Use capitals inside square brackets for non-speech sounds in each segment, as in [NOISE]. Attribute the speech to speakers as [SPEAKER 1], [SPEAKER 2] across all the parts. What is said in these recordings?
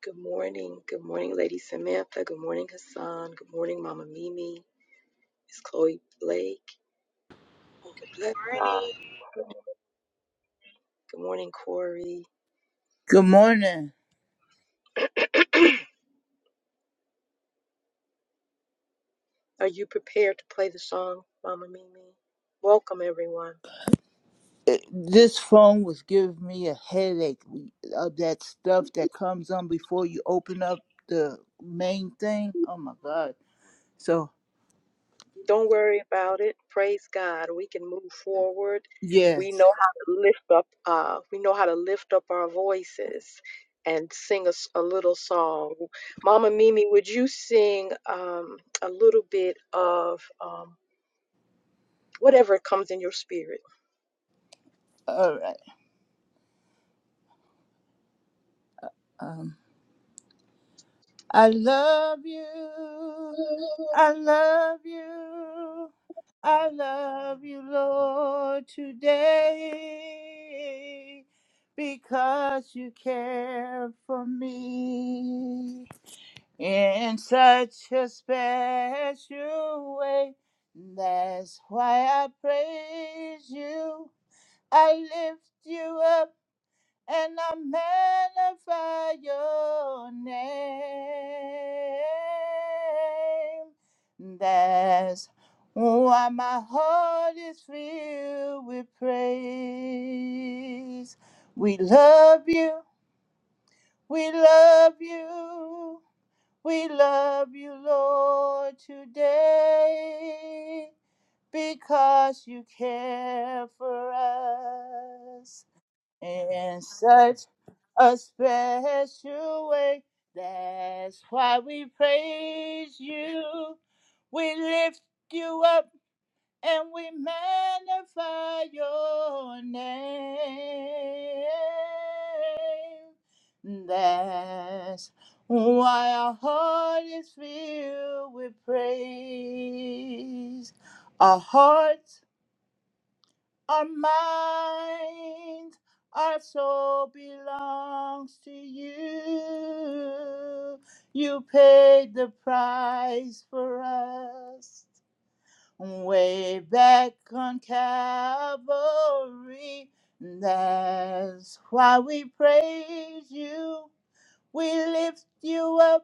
[SPEAKER 1] Good morning. Good morning, Lady Samantha. Good morning, Hassan. Good morning, Mama Mimi. It's Chloe Blake. Oh, bless God.
[SPEAKER 2] Morning.
[SPEAKER 1] Good morning, Corey.
[SPEAKER 3] Good morning.
[SPEAKER 1] Are you prepared to play the song, Mama Mimi? Welcome, everyone.
[SPEAKER 3] It- This phone was giving me a headache of that stuff that comes on before you open up the main thing. Oh my God. So,
[SPEAKER 1] Don't worry about it. Praise God. We can move forward. We
[SPEAKER 3] yes.
[SPEAKER 1] know how to lift up. Uh, we know how to lift up our voices and sing us a, little song. Mama Mimi, would you sing um, a little bit of? um, whatever comes in your spirit.
[SPEAKER 3] All right. Um, I love you. I love you. I love you, Lord, today because you care for me. in such a special way. That's why I praise you. I lift you up and I magnify your name. That's why my heart is filled with praise. We love you. We love you. We love you, Lord, today because you care for us in such a special way. That's why we praise you. We lift you up and we magnify your name. That's why our heart is filled with praise. Our hearts, our minds, our soul belongs to you. You paid the price for us way back on Calvary. That's why we praise you. We lift you up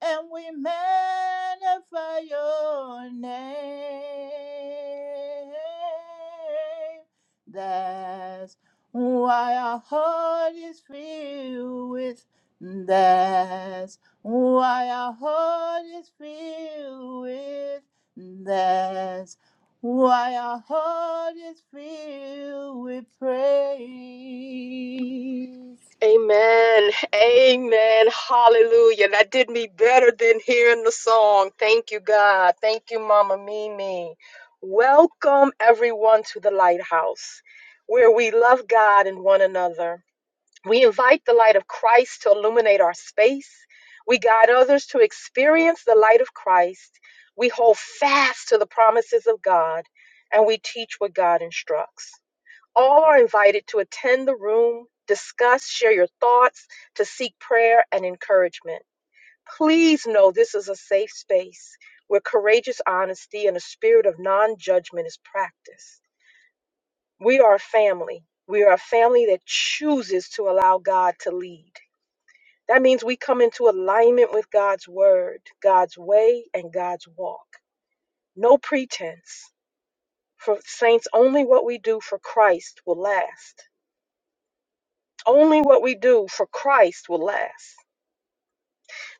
[SPEAKER 3] and we magnify your name. That's why our heart is filled with. That's why our heart is filled with. That's why our heart is filled with praise.
[SPEAKER 1] Amen. Amen. Hallelujah. That did me better than hearing the song. Thank you, God. Thank you, Mama Mimi. Welcome, everyone, to the lighthouse where we love God and one another. We invite the light of Christ to illuminate our space. We guide others to experience the light of Christ. We hold fast to the promises of God and we teach what God instructs. All are invited to attend the room, discuss, share your thoughts, to seek prayer and encouragement. Please know this is a safe space where courageous honesty and a spirit of non judgment is practiced. We are a family. We are a family that chooses to allow God to lead. That means we come into alignment with God's word, God's way, and God's walk. No pretense. For saints, only what we do for Christ will last. Only what we do for Christ will last.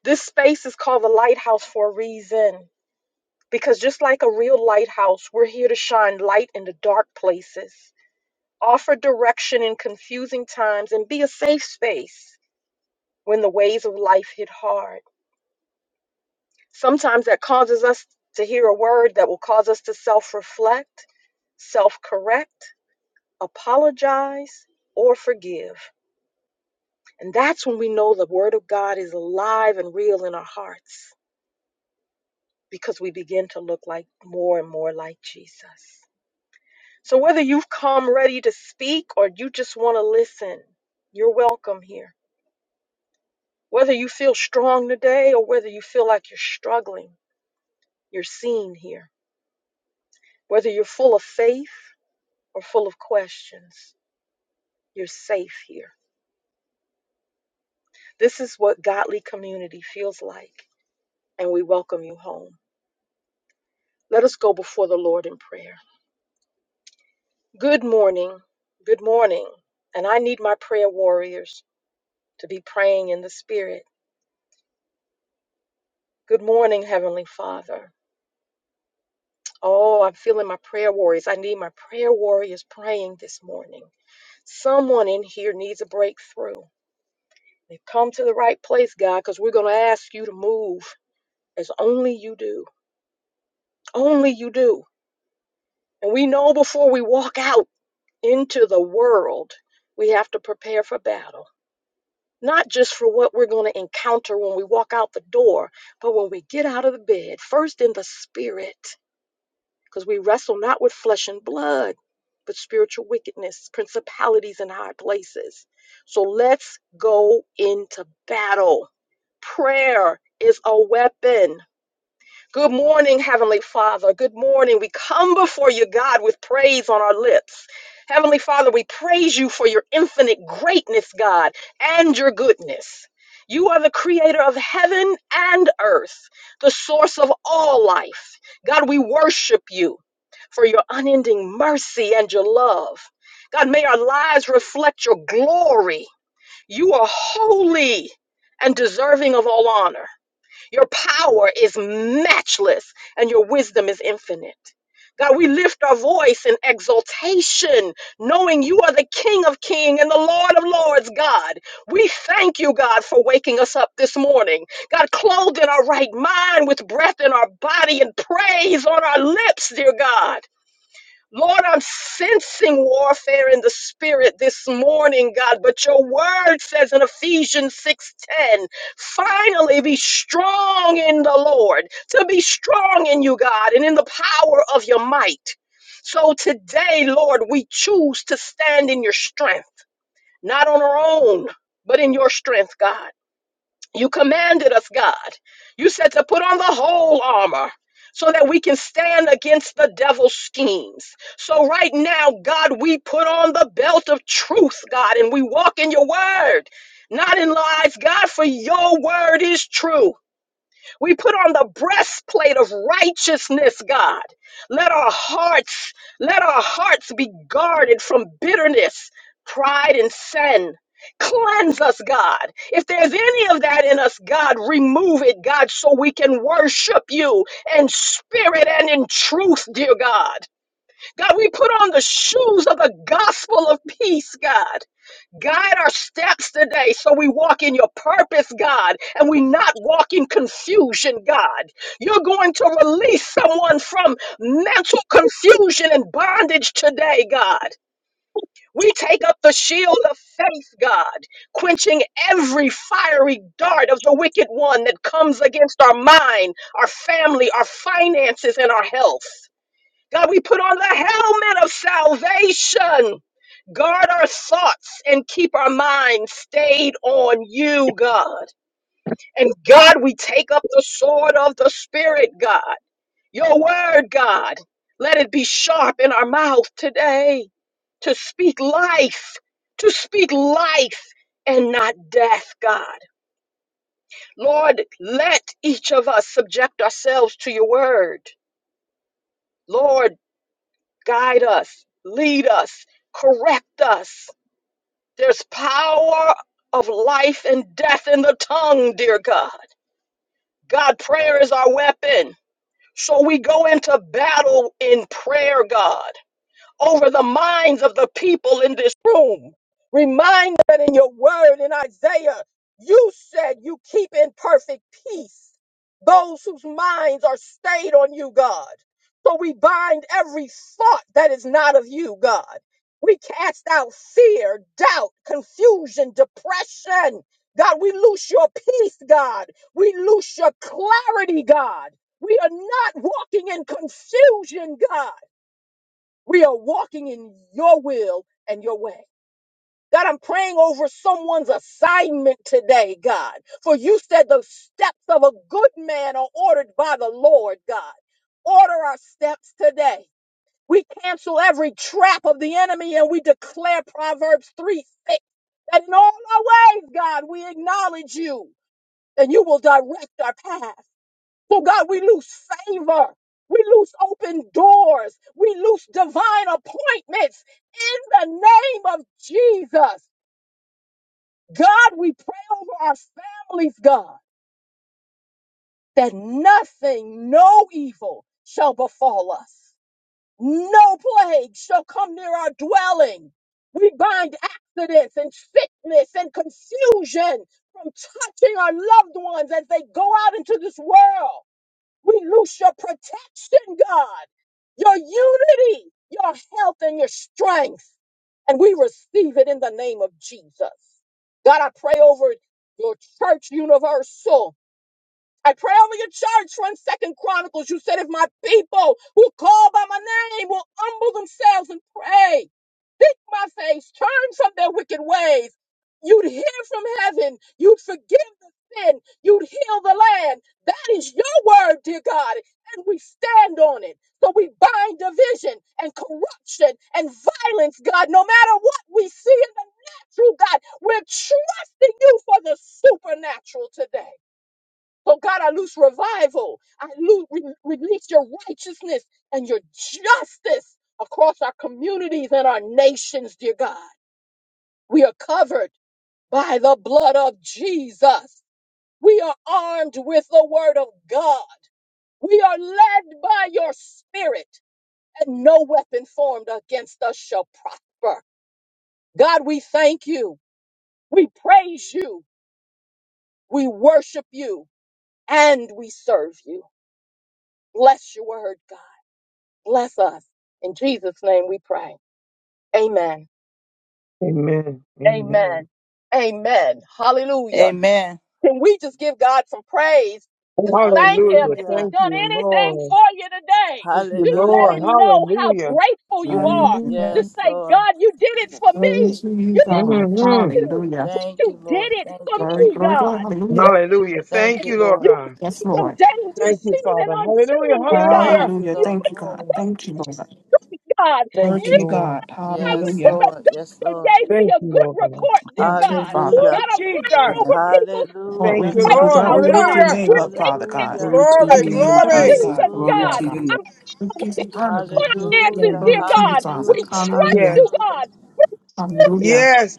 [SPEAKER 1] This space is called the lighthouse for a reason because just like a real lighthouse, we're here to shine light in the dark places, offer direction in confusing times, and be a safe space when the waves of life hit hard. Sometimes that causes us to hear a word that will cause us to self reflect, self correct, apologize, or forgive. And that's when we know the Word of God is alive and real in our hearts. because we begin to look like more and more like Jesus. So whether you've come ready to speak or you just want to listen, you're welcome here. Whether you feel strong today or whether you feel like you're struggling, you're seen here. Whether you're full of faith or full of questions, you're safe here. This is what godly community feels like, and we welcome you home. Let us go before the Lord in prayer. Good morning. Good morning. And I need my prayer warriors. to be praying in the Spirit. Good morning, Heavenly Father. Oh, I'm feeling my prayer warriors. I need my prayer warriors praying this morning. Someone in here needs a breakthrough. They've come to the right place, God, because we're going to ask you to move as only you do. Only you do. And we know before we walk out into the world, we have to prepare for battle. Not just for what we're going to encounter when we walk out the door, but when we get out of the bed, first in the spirit. because we wrestle not with flesh and blood, but spiritual wickedness, principalities in high places. So let's go into battle. Prayer is a weapon. Good morning, Heavenly Father. Good morning. We come before you, God, with praise on our lips. Heavenly Father, we praise you for your infinite greatness, God, and your goodness. You are the creator of heaven and earth, the source of all life. God, we worship you for your unending mercy and your love. God, may our lives reflect your glory. You are holy and deserving of all honor. Your power is matchless and your wisdom is infinite. God, we lift our voice in exaltation, knowing you are the King of Kings and the Lord of Lords, God. We thank you, God, for waking us up this morning. God, clothed in our right mind with breath in our body and praise on our lips, dear God. Lord, I'm sensing warfare in the spirit this morning, God, but your word says in Ephesians 6:10, finally be strong in the Lord, to be strong in you, God, and in the power of your might. So today, Lord, we choose to stand in your strength, not on our own, but in your strength, God. You commanded us, God. You said to put on the whole armor so that we can stand against the devil's schemes. So, right now, God, we put on the belt of truth, God, and we walk in your word, not in lies, God, for your word is true. We put on the breastplate of righteousness, God. Let our hearts, let our hearts be guarded from bitterness, pride, and sin. Cleanse us, God. If there's any of that in us, God, remove it, God, so we can worship you in spirit and in truth, dear God. God, we put on the shoes of the gospel of peace, God. Guide our steps today so we walk in your purpose, God, and we not walk in confusion, God. You're going to release someone from mental confusion and bondage today, God. We take up the shield of faith, God, quenching every fiery dart of the wicked one that comes against our mind, our family, our finances, and our health. God, we put on the helmet of salvation. Guard our thoughts and keep our minds stayed on you, God. And God, we take up the sword of the Spirit, God. Your word, God. Let it be sharp in our mouth today to speak life, to speak life and not death, God. Lord, let each of us subject ourselves to your word. Lord, guide us, lead us, correct us. There's power of life and death in the tongue, dear God. God, prayer is our weapon. So we go into battle in prayer, God over the minds of the people in this room. Remind them that in your word in Isaiah, you said you keep in perfect peace those whose minds are stayed on you, God. So we bind every thought that is not of you, God. We cast out fear, doubt, confusion, depression. God, we loose your peace, God. We loose your clarity, God. We are not walking in confusion, God. We are walking in your will and your way. God, I'm praying over someone's assignment today, God. For you said the steps of a good man are ordered by the Lord, God. Order our steps today. We cancel every trap of the enemy and we declare Proverbs 3 6 that in all our ways, God, we acknowledge you and you will direct our path. So, God, we lose favor. We lose open doors. We lose divine appointments in the name of Jesus. God, we pray over our families, God, that nothing, no evil shall befall us. No plague shall come near our dwelling. We bind accidents and sickness and confusion from touching our loved ones as they go out into this world. We loose your protection, God, your unity, your health, and your strength. And we receive it in the name of Jesus. God, I pray over your church universal. I pray over your church from Second Chronicles. You said, if my people who call by my name will humble themselves and pray, seek my face, turn from their wicked ways, you'd hear from heaven, you'd forgive the sin, you'd heal the land. That is your word, dear God, and we stand on it. So we bind division and corruption and violence, God, no matter what we see in the natural, God. We're trusting you for the supernatural today. So, God, I loose revival. I loose, release your righteousness and your justice across our communities and our nations, dear God. We are covered by the blood of Jesus. We are armed with the word of God. We are led by your spirit, and no weapon formed against us shall prosper. God, we thank you. We praise you. We worship you and we serve you. Bless your word, God. Bless us. In Jesus' name we pray. Amen.
[SPEAKER 4] Amen. Amen.
[SPEAKER 1] Amen. Amen. Hallelujah.
[SPEAKER 3] Amen.
[SPEAKER 1] Can we just give God some praise? Just thank Him.
[SPEAKER 4] Hallelujah.
[SPEAKER 1] If He's
[SPEAKER 3] Hallelujah.
[SPEAKER 4] Thank
[SPEAKER 1] done
[SPEAKER 4] you,
[SPEAKER 1] anything
[SPEAKER 4] Lord.
[SPEAKER 1] for you today,
[SPEAKER 4] Thank you,
[SPEAKER 1] just
[SPEAKER 4] Lord.
[SPEAKER 1] let
[SPEAKER 3] Hallelujah.
[SPEAKER 1] Him know how
[SPEAKER 4] Hallelujah.
[SPEAKER 1] grateful you
[SPEAKER 5] Hallelujah.
[SPEAKER 1] are.
[SPEAKER 5] Thank
[SPEAKER 6] Hallelujah.
[SPEAKER 1] Just
[SPEAKER 3] Yes,
[SPEAKER 1] say,
[SPEAKER 3] Lord.
[SPEAKER 1] God, you did it for
[SPEAKER 6] Glory
[SPEAKER 1] me.
[SPEAKER 6] to you,
[SPEAKER 1] You didn't
[SPEAKER 6] God.
[SPEAKER 4] hmm
[SPEAKER 1] have to,
[SPEAKER 6] Hallelujah.
[SPEAKER 1] but
[SPEAKER 3] Thank you,
[SPEAKER 1] you did
[SPEAKER 3] Lord.
[SPEAKER 1] it
[SPEAKER 3] Thank
[SPEAKER 1] for
[SPEAKER 3] you,
[SPEAKER 6] Glory,
[SPEAKER 1] me,
[SPEAKER 3] Lord.
[SPEAKER 6] glory, glory. Hallelujah.
[SPEAKER 1] God.
[SPEAKER 4] Hallelujah.
[SPEAKER 3] Thank
[SPEAKER 4] Thank
[SPEAKER 3] you,
[SPEAKER 4] you,
[SPEAKER 1] You,
[SPEAKER 4] Lord
[SPEAKER 3] Lord.
[SPEAKER 1] you
[SPEAKER 4] God.
[SPEAKER 6] Yes,
[SPEAKER 1] from
[SPEAKER 6] Lord.
[SPEAKER 1] danger
[SPEAKER 4] Thank you,
[SPEAKER 1] seen and
[SPEAKER 4] Father. Hallelujah.
[SPEAKER 1] unseen, dear God.
[SPEAKER 4] Hallelujah.
[SPEAKER 3] Thank you,
[SPEAKER 6] Hallelujah.
[SPEAKER 1] You,
[SPEAKER 3] Lord.
[SPEAKER 6] Thank you, God.
[SPEAKER 4] Glory.
[SPEAKER 6] Thank you, Lord.
[SPEAKER 1] God.
[SPEAKER 4] Thank
[SPEAKER 6] Glory
[SPEAKER 4] you,
[SPEAKER 6] to
[SPEAKER 1] You.
[SPEAKER 6] you, God.
[SPEAKER 4] Lord.
[SPEAKER 1] I went
[SPEAKER 3] Yes,
[SPEAKER 1] to
[SPEAKER 6] Hallelujah.
[SPEAKER 1] the
[SPEAKER 3] Lord. Yes,
[SPEAKER 1] doctor,
[SPEAKER 3] Lord.
[SPEAKER 1] gave me
[SPEAKER 4] Thank
[SPEAKER 1] a
[SPEAKER 4] you,
[SPEAKER 1] good
[SPEAKER 4] Lord God.
[SPEAKER 1] report, dear
[SPEAKER 6] Glory to you,
[SPEAKER 1] God.
[SPEAKER 6] Father.
[SPEAKER 3] Hallelujah.
[SPEAKER 1] God, I'm
[SPEAKER 5] you,
[SPEAKER 1] praying
[SPEAKER 4] Jesus.
[SPEAKER 5] God.
[SPEAKER 1] over people's
[SPEAKER 6] Lord,
[SPEAKER 4] Thank
[SPEAKER 6] we
[SPEAKER 3] Hallelujah.
[SPEAKER 4] you,
[SPEAKER 6] love
[SPEAKER 1] right
[SPEAKER 6] you,
[SPEAKER 4] Lord.
[SPEAKER 1] now,
[SPEAKER 6] God. We
[SPEAKER 5] Hallelujah.
[SPEAKER 6] lift
[SPEAKER 1] God.
[SPEAKER 6] your
[SPEAKER 4] Hallelujah.
[SPEAKER 3] Hallelujah.
[SPEAKER 6] name
[SPEAKER 1] We're
[SPEAKER 6] up, Father
[SPEAKER 1] taking
[SPEAKER 6] God.
[SPEAKER 3] Hallelujah.
[SPEAKER 5] Glory
[SPEAKER 1] in
[SPEAKER 5] to
[SPEAKER 1] the
[SPEAKER 6] We
[SPEAKER 5] your
[SPEAKER 4] Glory,
[SPEAKER 6] give you
[SPEAKER 1] name
[SPEAKER 5] name,
[SPEAKER 1] of
[SPEAKER 6] praise,
[SPEAKER 4] glory.
[SPEAKER 5] Jesus.
[SPEAKER 6] God,
[SPEAKER 1] Jesus,
[SPEAKER 6] for you
[SPEAKER 5] Glory
[SPEAKER 6] are
[SPEAKER 3] Hallelujah.
[SPEAKER 1] God.
[SPEAKER 5] to your
[SPEAKER 6] God.
[SPEAKER 5] name.
[SPEAKER 1] I'm
[SPEAKER 6] We give you honor, God.
[SPEAKER 4] Yes,
[SPEAKER 1] finances,
[SPEAKER 3] Hallelujah.
[SPEAKER 4] Lord.
[SPEAKER 6] Glory
[SPEAKER 1] dear
[SPEAKER 6] to you,
[SPEAKER 1] God. We
[SPEAKER 6] Father.
[SPEAKER 3] Hallelujah.
[SPEAKER 1] trust
[SPEAKER 6] Hallelujah.
[SPEAKER 1] you,
[SPEAKER 4] Yes.
[SPEAKER 3] Hallelujah.
[SPEAKER 1] God. You God
[SPEAKER 6] Hallelujah.
[SPEAKER 4] Yes.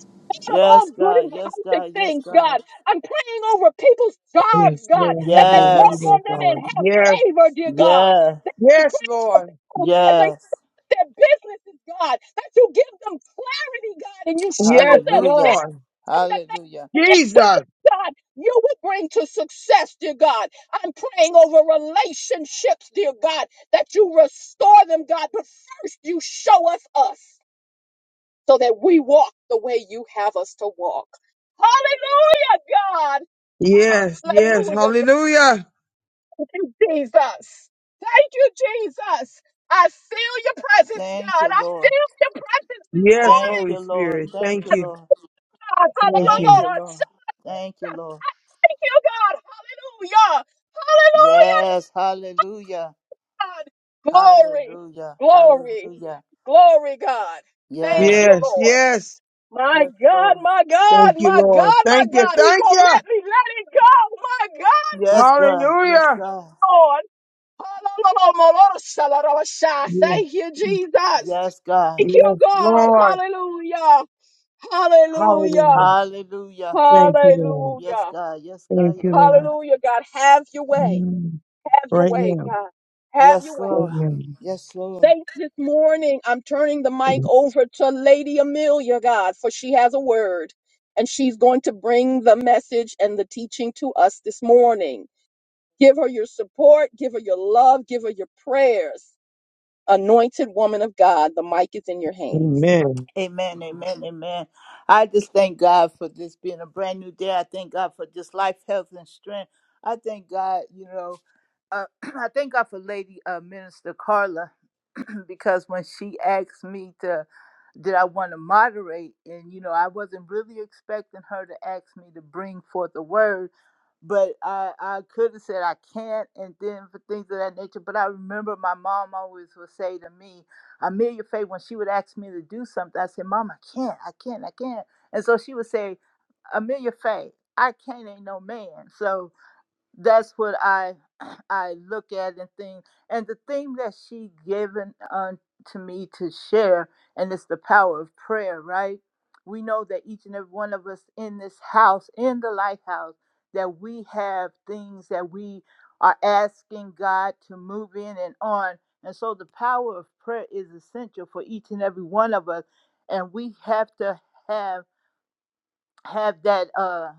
[SPEAKER 1] of all
[SPEAKER 3] Yes,
[SPEAKER 1] good
[SPEAKER 3] God.
[SPEAKER 1] and
[SPEAKER 3] Yes,
[SPEAKER 1] perfect
[SPEAKER 3] God. Yes,
[SPEAKER 1] things,
[SPEAKER 3] God.
[SPEAKER 1] God. I'm praying over people's jobs,
[SPEAKER 4] Yes,
[SPEAKER 1] God,
[SPEAKER 4] Lord.
[SPEAKER 1] that
[SPEAKER 4] Have
[SPEAKER 1] they
[SPEAKER 4] your way,
[SPEAKER 1] walk
[SPEAKER 3] Yes.
[SPEAKER 1] on
[SPEAKER 4] Lord
[SPEAKER 1] them and
[SPEAKER 4] God.
[SPEAKER 1] have
[SPEAKER 4] Yes.
[SPEAKER 1] favor, dear God.
[SPEAKER 3] Yes.
[SPEAKER 1] I'm
[SPEAKER 4] Yes,
[SPEAKER 1] praying for
[SPEAKER 4] Lord.
[SPEAKER 1] people as they
[SPEAKER 3] Yes.
[SPEAKER 1] their businesses, God, that you give them clarity, God, and you show
[SPEAKER 4] Yes,
[SPEAKER 1] them. their
[SPEAKER 3] Hallelujah.
[SPEAKER 4] Lord.
[SPEAKER 1] that they
[SPEAKER 3] Hallelujah.
[SPEAKER 4] Jesus.
[SPEAKER 1] God, you will bring to success, dear God. I'm praying over relationships, dear God, that you restore them, God. But first, you show us us so that we walk the way you have us to walk. Hallelujah, God.
[SPEAKER 4] Yes, yes.
[SPEAKER 1] Hallelujah, God.
[SPEAKER 4] Hallelujah.
[SPEAKER 1] Thank you, Jesus. Thank you, Jesus. I feel your presence,
[SPEAKER 3] Thank
[SPEAKER 1] God.
[SPEAKER 3] you,
[SPEAKER 1] I
[SPEAKER 3] Lord.
[SPEAKER 1] feel your presence this
[SPEAKER 4] Yes,
[SPEAKER 3] Thank
[SPEAKER 1] morning,
[SPEAKER 4] Holy
[SPEAKER 3] you, Lord.
[SPEAKER 4] Spirit.
[SPEAKER 3] Thank
[SPEAKER 4] Thank
[SPEAKER 3] you,
[SPEAKER 4] you.
[SPEAKER 3] Lord.
[SPEAKER 1] God.
[SPEAKER 4] Thank
[SPEAKER 3] Thank
[SPEAKER 4] you.
[SPEAKER 3] you,
[SPEAKER 1] Hallelujah.
[SPEAKER 3] Lord. Thank you, Lord.
[SPEAKER 1] Thank you, God. Hallelujah. Hallelujah.
[SPEAKER 3] Yes. Hallelujah.
[SPEAKER 1] God. Glory,
[SPEAKER 3] Hallelujah.
[SPEAKER 1] glory,
[SPEAKER 3] Hallelujah.
[SPEAKER 1] glory, God. Thank
[SPEAKER 3] Yes.
[SPEAKER 1] you,
[SPEAKER 4] Yes,
[SPEAKER 1] Lord.
[SPEAKER 4] yes.
[SPEAKER 1] My
[SPEAKER 3] Yes,
[SPEAKER 1] God,
[SPEAKER 3] Lord.
[SPEAKER 1] my
[SPEAKER 4] Thank
[SPEAKER 1] God,
[SPEAKER 4] you,
[SPEAKER 1] my
[SPEAKER 4] Lord.
[SPEAKER 1] God, my
[SPEAKER 4] Thank you.
[SPEAKER 1] God. He
[SPEAKER 4] Thank
[SPEAKER 1] won't
[SPEAKER 4] you.
[SPEAKER 1] let me let it go. My God, my
[SPEAKER 3] Yes, God. Yes,
[SPEAKER 4] Hallelujah.
[SPEAKER 3] God.
[SPEAKER 1] God. Lord. Thank you,
[SPEAKER 4] Yes,
[SPEAKER 1] Jesus.
[SPEAKER 3] Yes, God.
[SPEAKER 1] Thank
[SPEAKER 4] yes,
[SPEAKER 1] you, God.
[SPEAKER 4] Lord.
[SPEAKER 1] Hallelujah. Hallelujah.
[SPEAKER 4] Hallelujah.
[SPEAKER 3] Hallelujah.
[SPEAKER 4] Thank you, Lord.
[SPEAKER 3] Yes,
[SPEAKER 1] Hallelujah.
[SPEAKER 3] God. Yes,
[SPEAKER 4] Thank
[SPEAKER 3] God.
[SPEAKER 4] you,
[SPEAKER 3] Yes,
[SPEAKER 4] Lord.
[SPEAKER 3] God.
[SPEAKER 1] Hallelujah, God. Have your way.
[SPEAKER 4] Mm.
[SPEAKER 1] Have your
[SPEAKER 4] Right
[SPEAKER 1] way,
[SPEAKER 4] now.
[SPEAKER 1] God. Have
[SPEAKER 3] Yes,
[SPEAKER 1] your way.
[SPEAKER 4] Right
[SPEAKER 3] Lord.
[SPEAKER 4] now.
[SPEAKER 3] Yes, Lord.
[SPEAKER 1] faith this morning. I'm turning the mic over to Lady Amelia, God, for she has a word and she's going to bring the message and the teaching to us this morning. Give her your support, give her your love, give her your prayers. Anointed woman of God, the mic is in your hands.
[SPEAKER 4] Amen.
[SPEAKER 3] Amen. Amen. Amen. I just thank God for this being a brand new day. I thank God for just life, health, and strength. I thank God, you know, uh, [CLEARS THROAT] I thank God for Lady uh, Minister Carla [CLEARS THROAT] because when she asked me to did I want to moderate and you know I wasn't really expecting her to ask me to bring forth a word but I I could have said I can't and then for things of that nature but I remember my mom always would say to me Amelia Faye when she would ask me to do something I said mom I can't I can't I can't and so she would say Amelia Faye I can't ain't no man so that's what I [CLEARS THROAT] I look at and think. And the thing that she given unto me to share, and it's the power of prayer, right? We know that each and every one of us in this house, in the lighthouse, that we have things that we are asking God to move in and on. And so the power of prayer is essential for each and every one of us. And we have to have have that uh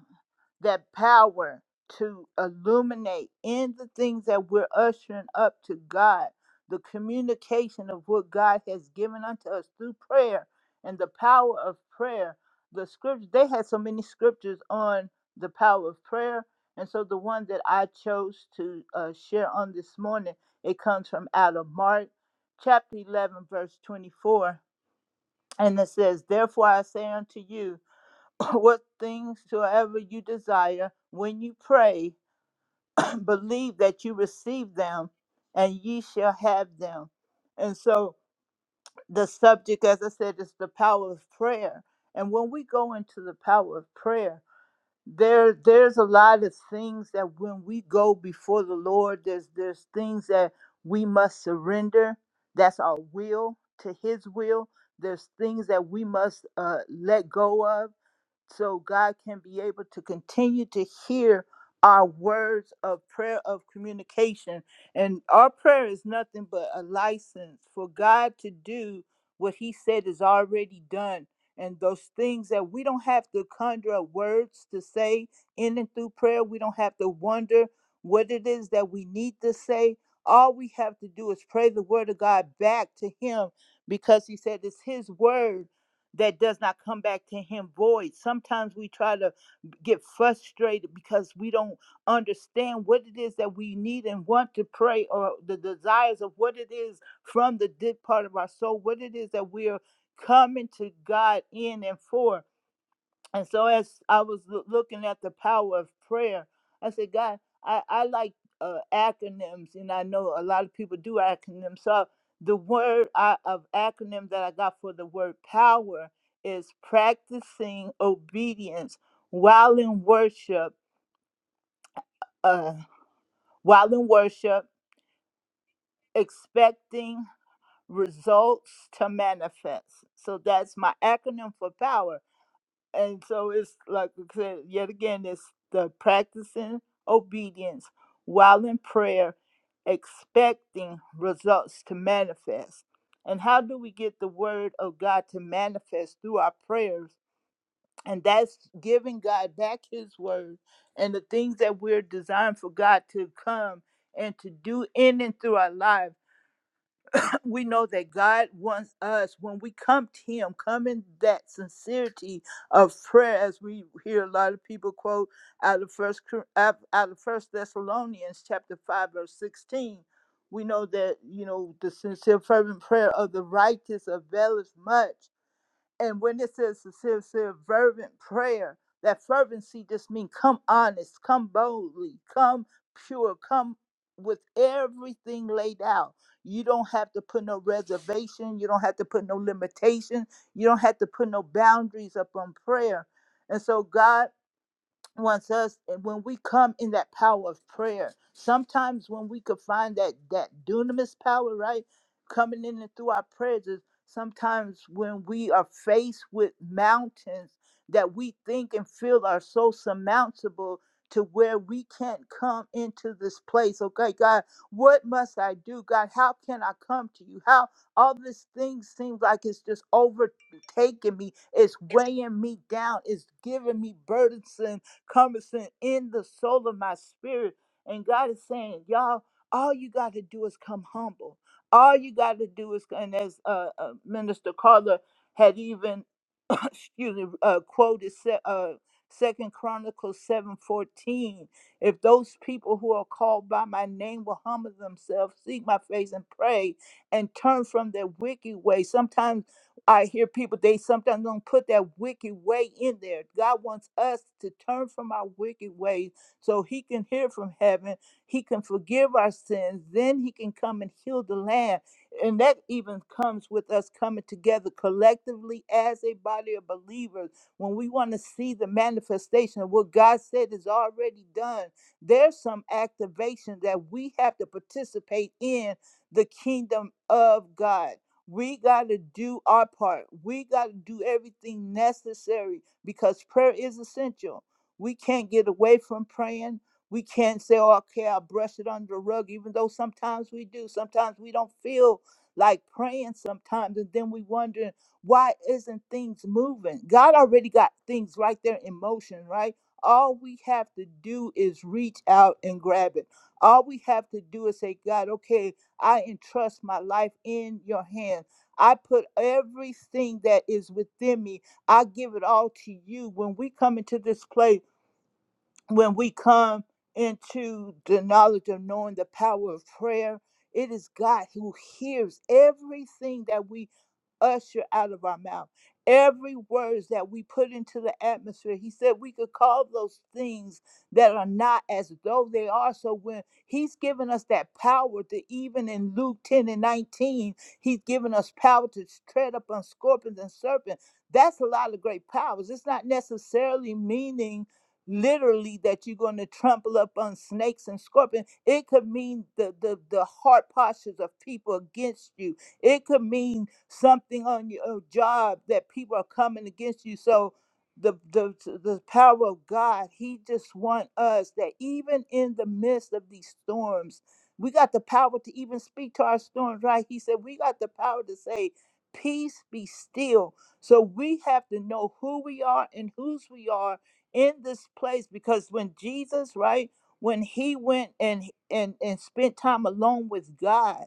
[SPEAKER 3] that power to illuminate in the things that we're ushering up to God, the communication of what God has given unto us through prayer and the power of prayer. The scripture, they had so many scriptures on the power of prayer. And so the one that I chose to uh, share on this morning, it comes from out of Mark chapter 11, verse 24. And it says, Therefore I say unto you, [LAUGHS] [CLEARS THROAT] what things soever you desire when you pray [CLEARS THROAT] believe that you receive them and ye shall have them and so the subject as i said is the power of prayer and when we go into the power of prayer there there's a lot of things that when we go before the lord there's there's things that we must surrender that's our will to his will there's things that we must uh, let go of so God can be able to continue to hear our words of prayer of communication. And our prayer is nothing but a license for God to do what He said is already done. And those things that we don't have to conjure up words to say in and through prayer, we don't have to wonder what it is that we need to say. All we have to do is pray the word of God back to Him because He said it's His word that does not come back to him void. Sometimes we try to get frustrated because we don't understand what it is that we need and want to pray or the desires of what it is from the deep part of our soul, what it is that we are coming to God in and for. And so as I was loo- looking at the power of prayer, I said, God, I, I like uh, acronyms, and I know a lot of people do acronyms. So the word I, of acronym that I got for the word power is practicing obedience while in worship, uh, while in worship, expecting results to manifest. So that's my acronym for power. and so it's like I said yet again it's the practicing obedience while in prayer expecting results to manifest and how do we get the word of god to manifest through our prayers and that's giving god back his word and the things that we're designed for god to come and to do in and through our lives [LAUGHS] [CLEARS THROAT] we know that God wants us when we come to Him, come in that sincerity of prayer, as we hear a lot of people quote out of First Cor- out out of First Thessalonians chapter five verse sixteen. We know that you know the sincere fervent prayer of the righteous availeth much. And when it says sincere, fervent prayer, that fervency just means come honest, come boldly, come pure, come with everything laid out. You don't have to put no reservation. You don't have to put no limitation. You don't have to put no boundaries up on prayer. And so God wants us and when we come in that power of prayer sometimes when we could find that that dunamis power right coming in and through our prayers is sometimes when we are faced with mountains that we think and feel are so surmountable to where we can't come into this place okay god what must i do god how can i come to you how all these things seems like it's just overtaking me it's weighing me down it's giving me burdensome cumbersome in the soul of my spirit. And God is saying, y'all, all you got to do is come humble. All you got to do is, and as uh, uh, Minister Carla had even excuse me, uh, quoted Se- uh, Second Chronicles seven fourteen. If those people who are called by my name will humble themselves, seek my face, and pray, and turn from their wicked way, sometimes I hear people they sometimes don't put that wicked way in there. God wants us to turn from our wicked ways so He can hear from heaven. He can forgive our sins. Then He can come and heal the land. And that even comes with us coming together collectively as a body of believers. When we want to see the manifestation of what God said is already done, there's some activation that we have to participate in the kingdom of God. We got to do our part. We got to do everything necessary because prayer is essential. We can't get away from praying. We can't say, oh, okay, I'll brush it under the rug, even though sometimes we do. Sometimes we don't feel like praying sometimes and then we wondering why isn't things moving god already got things right there in motion right all we have to do is reach out and grab it all we have to do is say god okay i entrust my life in your hand i put everything that is within me i give it all to you when we come into this place when we come into the knowledge of knowing the power of prayer, it is God who hears everything that we usher out of our mouth. Every words that we put into the atmosphere, he said we could call those things that are not as though they are. So when he's given us that power to even in Luke 10 and 19, he's given us power to tread upon scorpions and serpents. That's a lot of great powers. It's not necessarily meaning literally that you're going to trample up on snakes and scorpions. It could mean the, the the heart postures of people against you it could mean something on your job that people are coming against you. So the the the power of God, He just want us that even in the midst of these storms, we got the power to even speak to our storms, right? He said we got the power to say, peace be still. So we have to know who we are and whose we are in this place because when Jesus, right, when he went and and and spent time alone with God,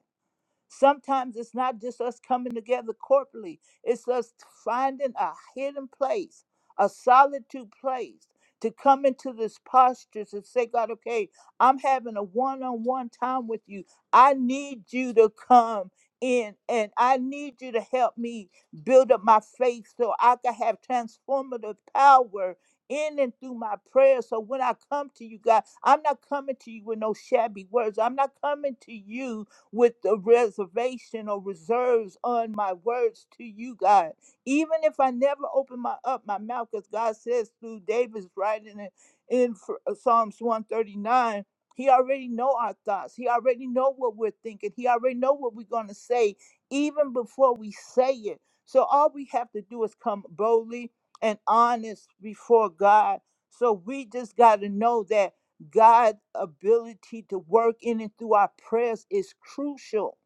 [SPEAKER 3] Sometimes it's not just us coming together corporately, it's us finding a hidden place, a solitude place to come into this posture to say, God, okay, I'm having a one on one time with you. I need you to come in and I need you to help me build up my faith so I can have transformative power in and through my prayers. So when I come to you, God, I'm not coming to you with no shabby words. I'm not coming to you with the reservation or reserves on my words to you, God. Even if I never open my up my mouth, because God says through David's writing in, in Ph- uh, Psalms 139, he already know our thoughts. He already know what we're thinking. He already know what we're gonna say, even before we say it. So all we have to do is come boldly and honest before God. So we just gotta know that. God's ability to work in and through our prayers is crucial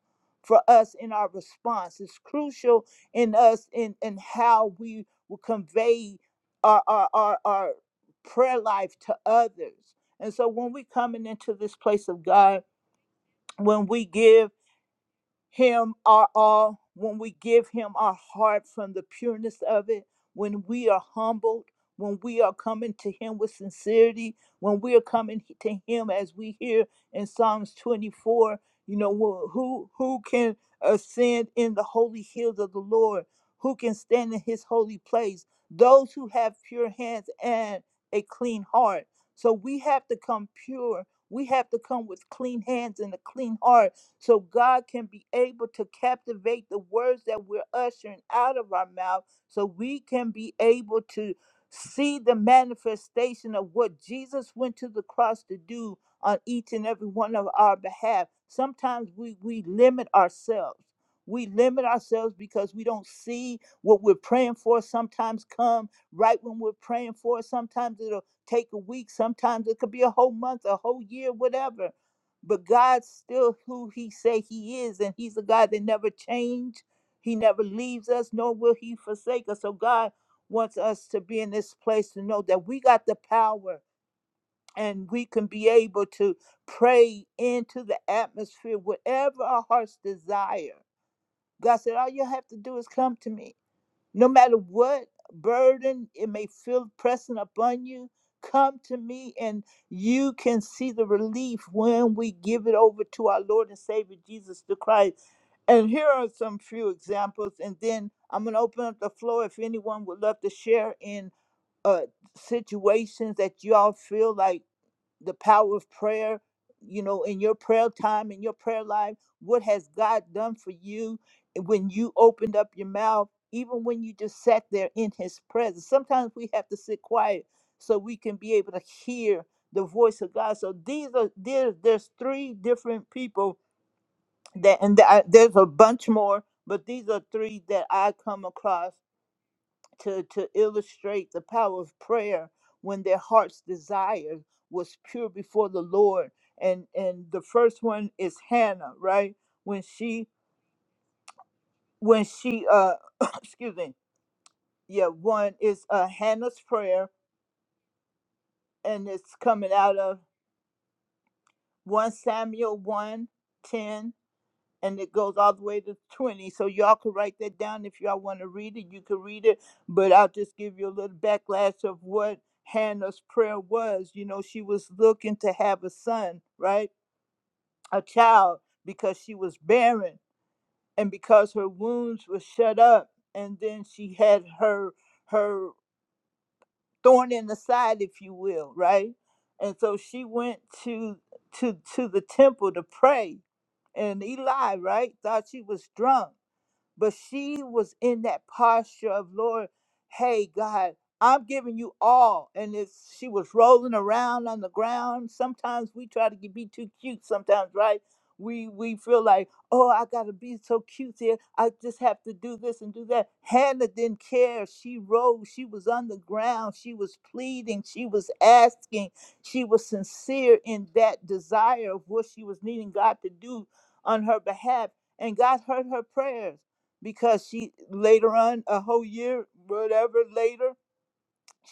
[SPEAKER 3] for us in our response. It's crucial in us in, in how we will convey our, our, our, our prayer life to others. And so when we're coming into this place of God, when we give him our all, when we give Him our heart from the pureness of it, when we are humbled, when we are coming to Him with sincerity, when we are coming to Him as we hear in Psalms 24, you know, wh- who, who can ascend in the holy hills of the Lord? Who can stand in His holy place? Those who have pure hands and a clean heart. So we have to come pure. We have to come with clean hands and a clean heart so God can be able to captivate the words that we're ushering out of our mouth so we can be able to see the manifestation of what Jesus went to the cross to do on each and every one of our behalf. Sometimes we, we limit ourselves. We limit ourselves because we don't see what we're praying for. Sometimes come right when we're praying for. it. Sometimes it'll take a week. Sometimes it could be a whole month, a whole year, whatever but God's still who he say he is and he's a God that never change. He never leaves us nor will he forsake us. So God wants us to be in this place to know that we got the power and we can be able to pray into the atmosphere whatever our hearts desire. God said all you have to do is come to me no matter what burden it may feel pressing upon you, come to me and you can see the relief when we give it over to our Lord and Savior Jesus the Christ. And here are some few examples, and then I'm going to open up the floor if anyone would love to share in uh, situations that you all feel like the power of prayer, you know, in your prayer time, in your prayer life, what has God done for you eh, when you opened up your mouth, even when you just sat there in his presence? Sometimes we have to sit quiet so we can be able to hear the voice of God. So these are there, there's three different people that and th- I- there's a bunch more, but these are three that I come across to, to illustrate the power of prayer when their heart's desire was pure before the Lord. And and the first one is Hannah, right? When she when she uh [COUGHS] [CLEARS THROAT] excuse me, yeah, one is uh Hannah's prayer and it's coming out of one Samuel one ten. and it goes all the way to 20. So y'all can write that down if y'all want to read it. You can read it, but I'll just give you a little backlash of what Hannah's prayer was. You know, she was looking to have a son, right? A child because she was barren and because her wounds were shut up and then she had her her thorn in the side if you will, right? And so she went to to to the temple to pray and Eli, right, thought she was drunk but she was in that posture of, Lord, hey, God, I'm giving you all. And if she was rolling around on the ground, sometimes we try to be too cute, sometimes, right? We, we feel like, oh, I got to be so cute here. I just have to do this and do that. Hannah didn't care. She rose. She was on the ground. She was pleading. She was asking. She was sincere in that desire of what she was needing God to do on her behalf. And God heard her prayers because she later on a whole year whatever later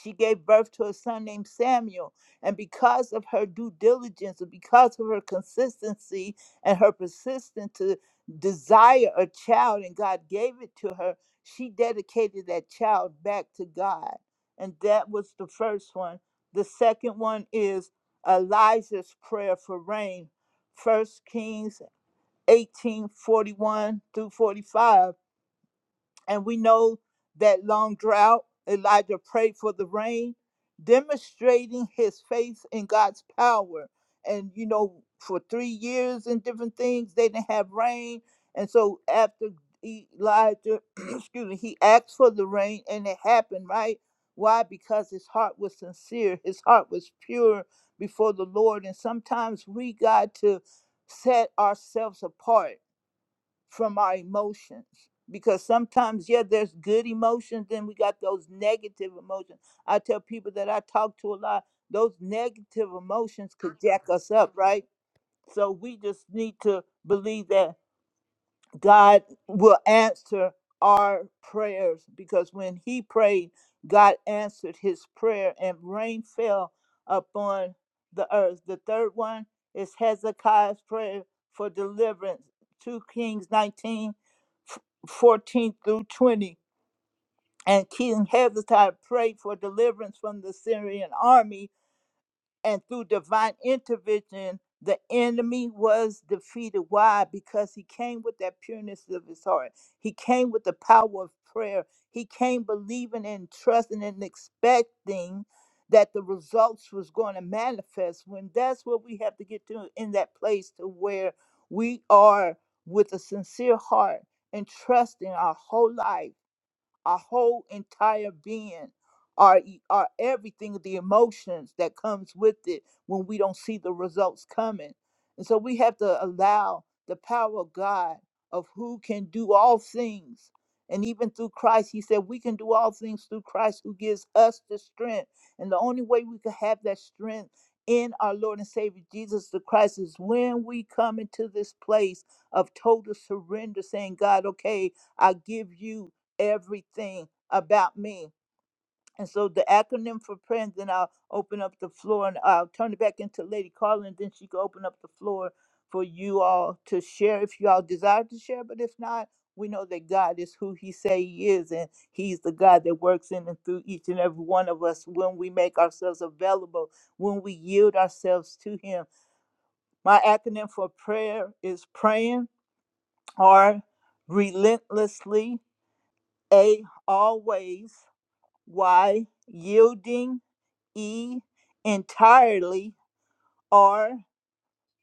[SPEAKER 3] she gave birth to a son named Samuel and because of her due diligence and because of her consistency and her persistence to desire a child and God gave it to her she dedicated that child back to God and that was the first one the second one is Elijah's prayer for rain First Kings 18 41 through 45 and we know that long drought, Elijah prayed for the rain, demonstrating his faith in God's power. And you know, for three years and different things, they didn't have rain. And so after Elijah, [CLEARS THROAT] excuse me, he asked for the rain and it happened, right? Why? Because his heart was sincere, his heart was pure before the Lord. And sometimes we got to set ourselves apart from our emotions because sometimes yeah there's good emotions then we got those negative emotions i tell people that i talk to a lot those negative emotions could jack us up right so we just need to believe that God will answer our prayers because when he prayed, God answered his prayer and rain fell upon the earth. The third one is Hezekiah's prayer for deliverance, 2 Kings 19 f- 14 through 20. And King Hezekiah prayed for deliverance from the Syrian army and through divine intervention, the enemy was defeated. Why? Because he came with that pureness of his heart. He came with the power of prayer. He came believing and trusting and expecting that the results was going to manifest. When that's what we have to get to in that place to where we are with a sincere heart and trusting our whole life our whole entire being, our, e- our everything, the emotions that comes with it when we don't see the results coming. And so we have to allow the power of God of who can do all things. And even through Christ, he said, we can do all things through Christ who gives us the strength. And the only way we could have that strength in our Lord and Savior Jesus the Christ is when we come into this place of total surrender, saying, God, okay, I give you everything about me. And so the acronym for prayer, and then I'll open up the floor and I'll turn it back into Lady Carla, and then she can open up the floor for you all to share if you all desire to share. But if not, we know that God is who He say He is, and He's the God that works in and through each and every one of us when we make ourselves available, when we yield ourselves to Him. My acronym for prayer is praying, R, relentlessly, A, always. Y, yielding, E, entirely, R,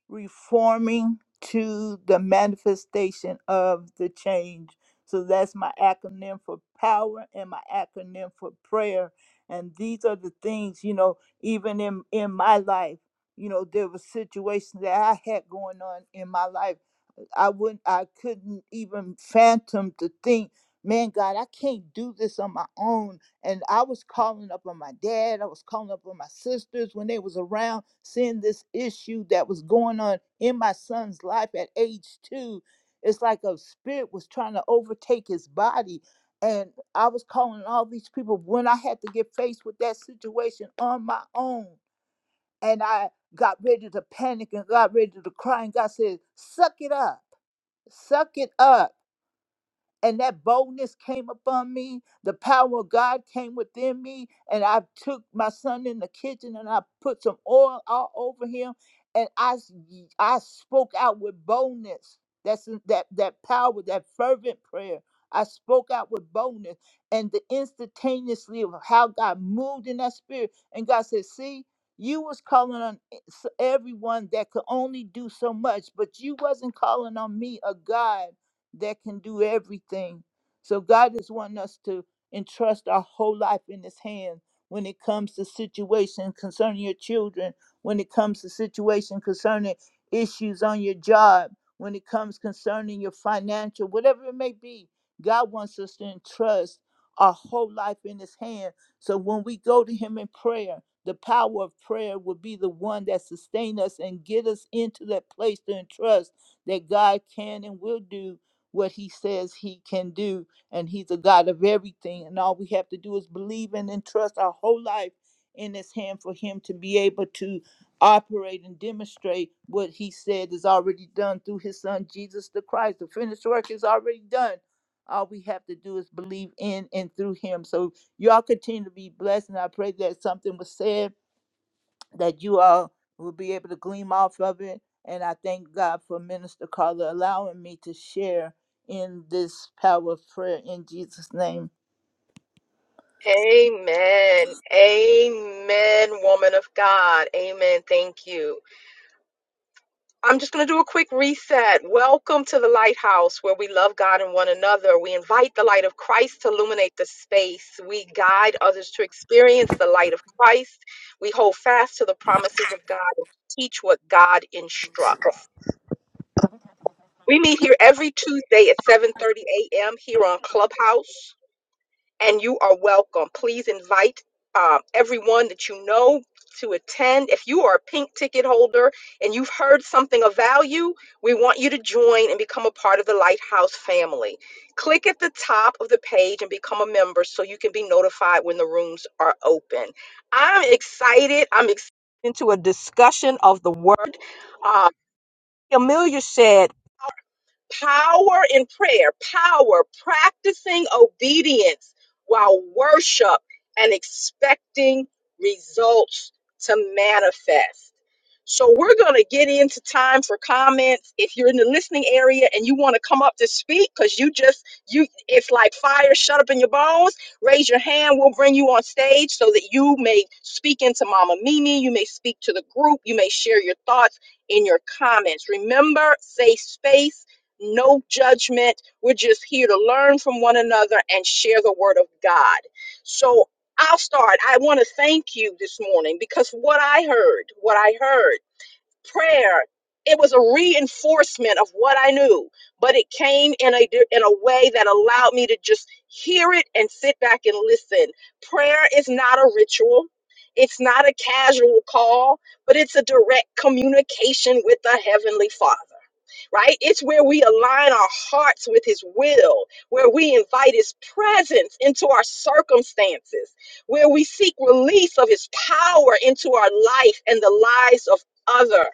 [SPEAKER 3] reforming to the manifestation of the change. So that's my acronym for power and my acronym for prayer. And these are the things, you know, even in, in my life, you know, there were situations that I had going on in my life. I wouldn't I couldn't even phantom to think, man, God, I can't do this on my own. And I was calling up on my dad, I was calling up on my sisters when they was around, seeing this issue that was going on in my son's life at age two. It's like a spirit was trying to overtake his body. And I was calling all these people when I had to get faced with that situation on my own. And I got ready to panic and got ready to cry. And God said, Suck it up suck it up. And that boldness came upon me. The power of God came within me. And I took my son in the kitchen and I put some oil all over him. And I, s- I spoke out with boldness. That's in- that that power, that fervent prayer. I spoke out with boldness. And the instantaneously of how God moved in that spirit. And God said, see, you was calling on e- s- everyone that could only do so much, but you wasn't calling on me, a God that can do everything. So God is wanting us to entrust our whole life in His hand when it comes to situation concerning your children, when it comes to situation concerning issues on your job, when it comes concerning your financial, whatever it may be. God wants us to entrust our whole life in His hand. So when we go to Him in prayer, the power of prayer will be the one that sustain us and get us into that place to entrust that God can and will do what he says he can do. And he's a God of everything. And all we have to do is believe in and trust our whole life in his hand for him to be able to operate and demonstrate what he said is already done through his son Jesus the Christ. The finished work is already done. All we have to do is believe in and through him. So y'all continue to be blessed. And I pray that something was said that you all will be able to glean off of it. And I thank God for Minister Carla allowing me to share in this power of prayer in Jesus' name.
[SPEAKER 1] Amen. Amen, woman of God. Amen. Thank you. I'm well to Christ. We classes of God teach what drugs. We hear our house. and you are welcome. Please invite um, everyone that you know to attend. If you are a pink ticket holder and you've heard something of value, we want you to join and become a part of the Lighthouse family. Click at the top of the page and become a member so you can be notified when the rooms are open. I'm excited. I'm excited into a discussion of the word. Uh, Amelia said power in prayer, power, practicing obedience while worship and expecting results to manifest. So, we're going to get into time for comments. If you're in the listening area and you want to come up to speak, because you just, you, it's like fire shut up in your bones, raise your hand. We'll bring you on stage so that you may speak into Mama Mimi. You may speak to the group. You may share your thoughts in your comments. Remember, safe space no judgment. We're just here to learn from one another and share the word of God. So I'll start. I want to thank you this morning because what I heard, what I heard, prayer, it was a reinforcement of what I knew, but it came in a in a way that allowed me to just hear it and sit back and listen. Prayer is not a ritual. It's not a casual call, but it's a direct communication with the heavenly Father right? It's where we align our hearts with His will, where we invite His presence into our circumstances, where we seek release of His power into our life and the lives of other.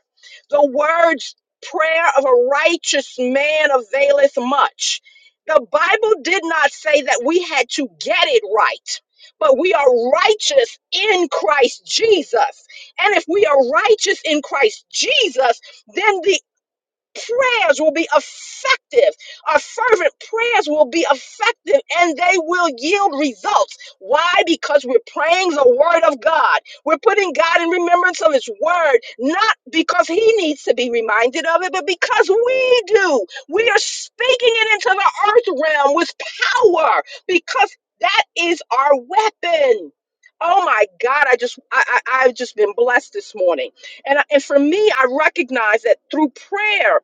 [SPEAKER 1] The words prayer of a righteous man availeth much. The Bible did not say that we had to get it right. But we are righteous in Christ Jesus. And if we are righteous in Christ Jesus, then the prayers will be effective. Our fervent prayers will be effective and they will yield results. Why? Because we're praying the word of God. We're putting God in remembrance of his word, not because he needs to be reminded of it, but because we do. We are speaking it into the earth realm with power because that is our weapon. Oh my God, I just I, I I've just been blessed this morning. And, I- and for me, I recognize that through prayer,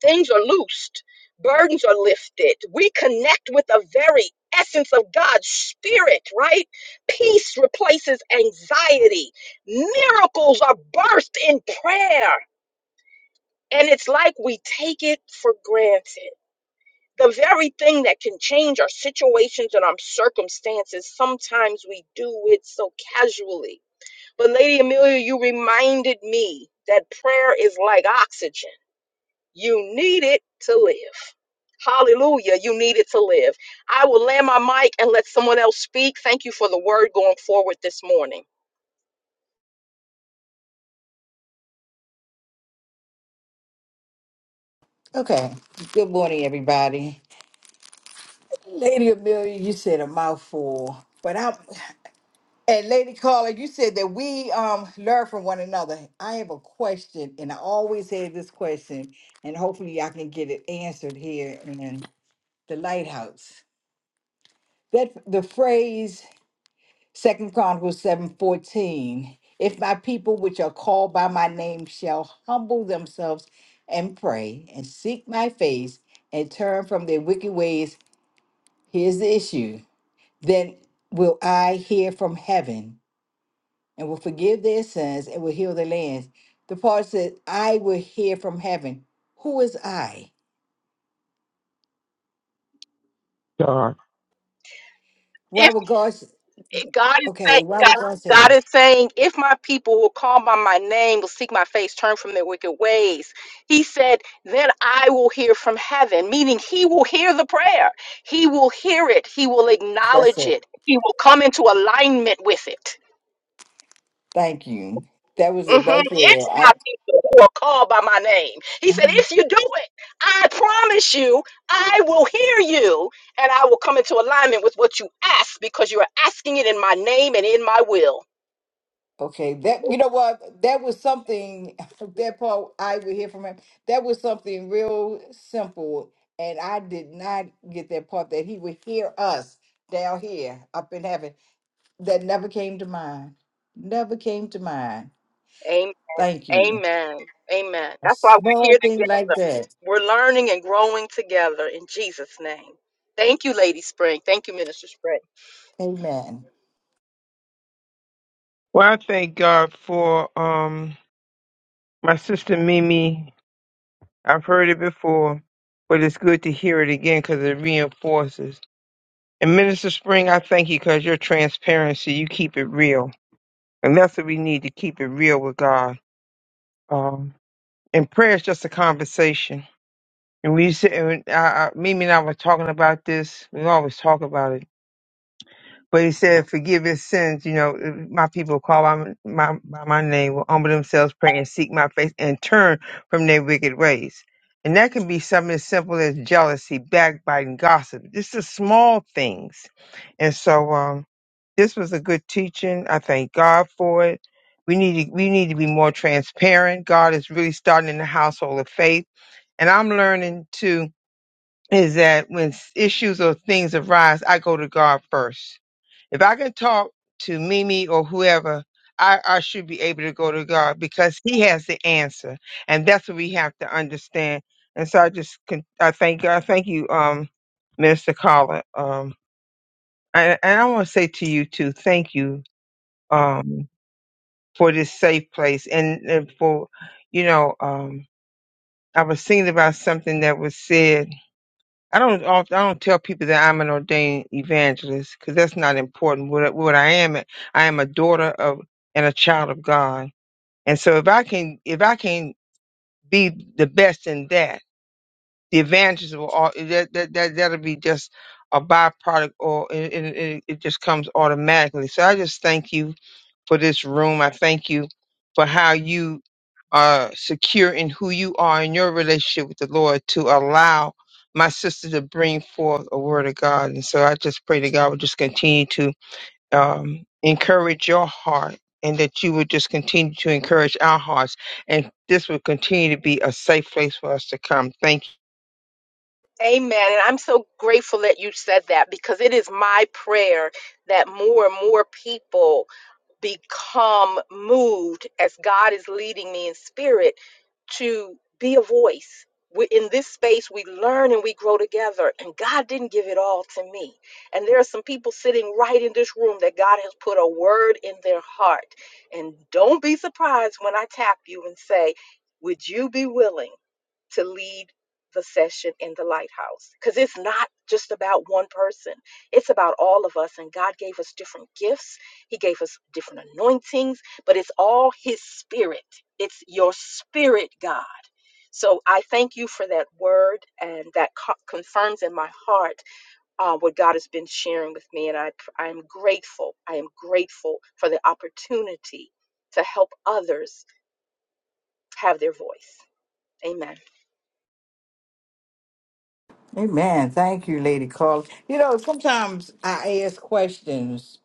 [SPEAKER 1] Things are loosed, burdens are lifted. We connect with the very essence of God's spirit, right? Peace replaces anxiety. Miracles are birthed in prayer. And it's like we take it for granted. The very thing that can change our situations and our circumstances, sometimes we do it so casually. But, Lady Amelia, you reminded me that prayer is like oxygen you need it to live. Hallelujah. You need it to live. I will land my mic and let someone else speak. Thank you for the word going forward this morning.
[SPEAKER 7] Okay. Good morning, everybody. Lady Amelia, you said a mouthful, but I and Lady Carla, you said that we um learn from one another. I have a question, and I always have this question, and hopefully I can get it answered here in the lighthouse. That the phrase Second Chronicles seven fourteen. If my people which are called by my name shall humble themselves and pray and seek my face and turn from their wicked ways. Here's the issue. Then will I hear from heaven and will forgive their sins and will heal their lands. The part says, I will hear from heaven. Who is I?
[SPEAKER 4] God.
[SPEAKER 7] Why
[SPEAKER 1] If
[SPEAKER 7] would God, s-
[SPEAKER 1] if God is saying,
[SPEAKER 7] okay, why
[SPEAKER 1] God,
[SPEAKER 7] would God say,
[SPEAKER 1] God
[SPEAKER 7] that?
[SPEAKER 1] is saying, if my people will call by my name, will seek my face, turn from their wicked ways, he said, then I will hear from heaven, meaning he will hear the prayer. He will hear it. He will
[SPEAKER 7] that's
[SPEAKER 1] acknowledge
[SPEAKER 7] it.
[SPEAKER 1] it. He will come into alignment with it.
[SPEAKER 7] Thank you. That was it
[SPEAKER 1] Mhm.
[SPEAKER 7] right there.
[SPEAKER 1] It's my
[SPEAKER 7] I,
[SPEAKER 1] people who are called by my name. He said,
[SPEAKER 7] Mhm.
[SPEAKER 1] If you do it, I promise you, I will hear you and I will come into alignment with what you ask because you are asking it in my name and in my will.
[SPEAKER 7] okay, that, you know what? That was something, [LAUGHS] that part, I will hear from him. That was something real simple. And I did not get that part that he would hear us down here up in heaven that never came to mind. Never came to mind.
[SPEAKER 1] Am-
[SPEAKER 7] Thank you.
[SPEAKER 1] Amen. Amen.
[SPEAKER 7] A
[SPEAKER 1] That's why we're
[SPEAKER 7] small
[SPEAKER 1] here
[SPEAKER 7] thing like
[SPEAKER 1] together.
[SPEAKER 7] that.
[SPEAKER 1] We're learning and growing together in Jesus' name. Thank you, Lady Spring. Thank you, Minister Spring.
[SPEAKER 7] Amen.
[SPEAKER 4] Well, I thank God for um my sister Mimi. I've heard it before, but it's good to hear it again because it reinforces. And Minister Spring, I thank you because your transparency, you keep it real. And that's what we need to keep it real with God. Um, and prayer is just a conversation. And we said, and I, I, Mimi and I were talking about this. We always talk about it. But he said, forgive his sins. You know, if my people call by my, by my name, will humble themselves, pray, and seek my face, and turn from their wicked ways. And that can be something as simple as jealousy, backbiting, gossip. Just the small things. And so, um, This was a good teaching. I thank God for it. We need to, we need to be more transparent. God is really starting in the household of faith. And I'm learning too is that when s- issues or things arise, I go to God first. If I can talk to Mimi or whoever, I, I should be able to go to God because He has the answer. And that's what we have to understand. And so I just, con- I thank God. Thank you, um, Minister Carla. Um, and, and I want to say to you too, thank you um, for this safe place and, and for, you know, um, I was thinking about something that was said. I don't, oft- I don't tell people that I'm an ordained evangelist because that's not important. What, I- what I am, I am a daughter of and a child of God. And so if I can, if I can be the best in that, the evangelist will, all, that, that, that, that'll be just a byproduct or it, it, it it just comes automatically. So I just thank you for this room. I thank you for how you are secure in who you are in your relationship with the Lord to allow my sister to bring forth a word of God. And so I just pray that God would just continue to um, encourage your heart and that you would just continue to encourage our hearts. And this would continue to be a safe place for us to come. Thank you.
[SPEAKER 1] Amen. And I'm so grateful that you said that because it is my prayer that more and more people become moved as God is leading me in spirit to be a voice. We, in this space, we learn and we grow together. And God didn't give it all to me. And there are some people sitting right in this room that God has put a word in their heart. And don't be surprised when I tap you and say, Would you be willing? to lead the session in the lighthouse because it's not just about one person it's about all of us and god gave us different gifts he gave us different anointings but it's all his spirit it's your spirit god so i thank you for that word and that co- confirms in my heart uh, what god has been sharing with me and i i am grateful i am grateful for the opportunity to help others have their voice amen
[SPEAKER 7] Amen. Thank you, Lady Carla. You know, sometimes I ask questions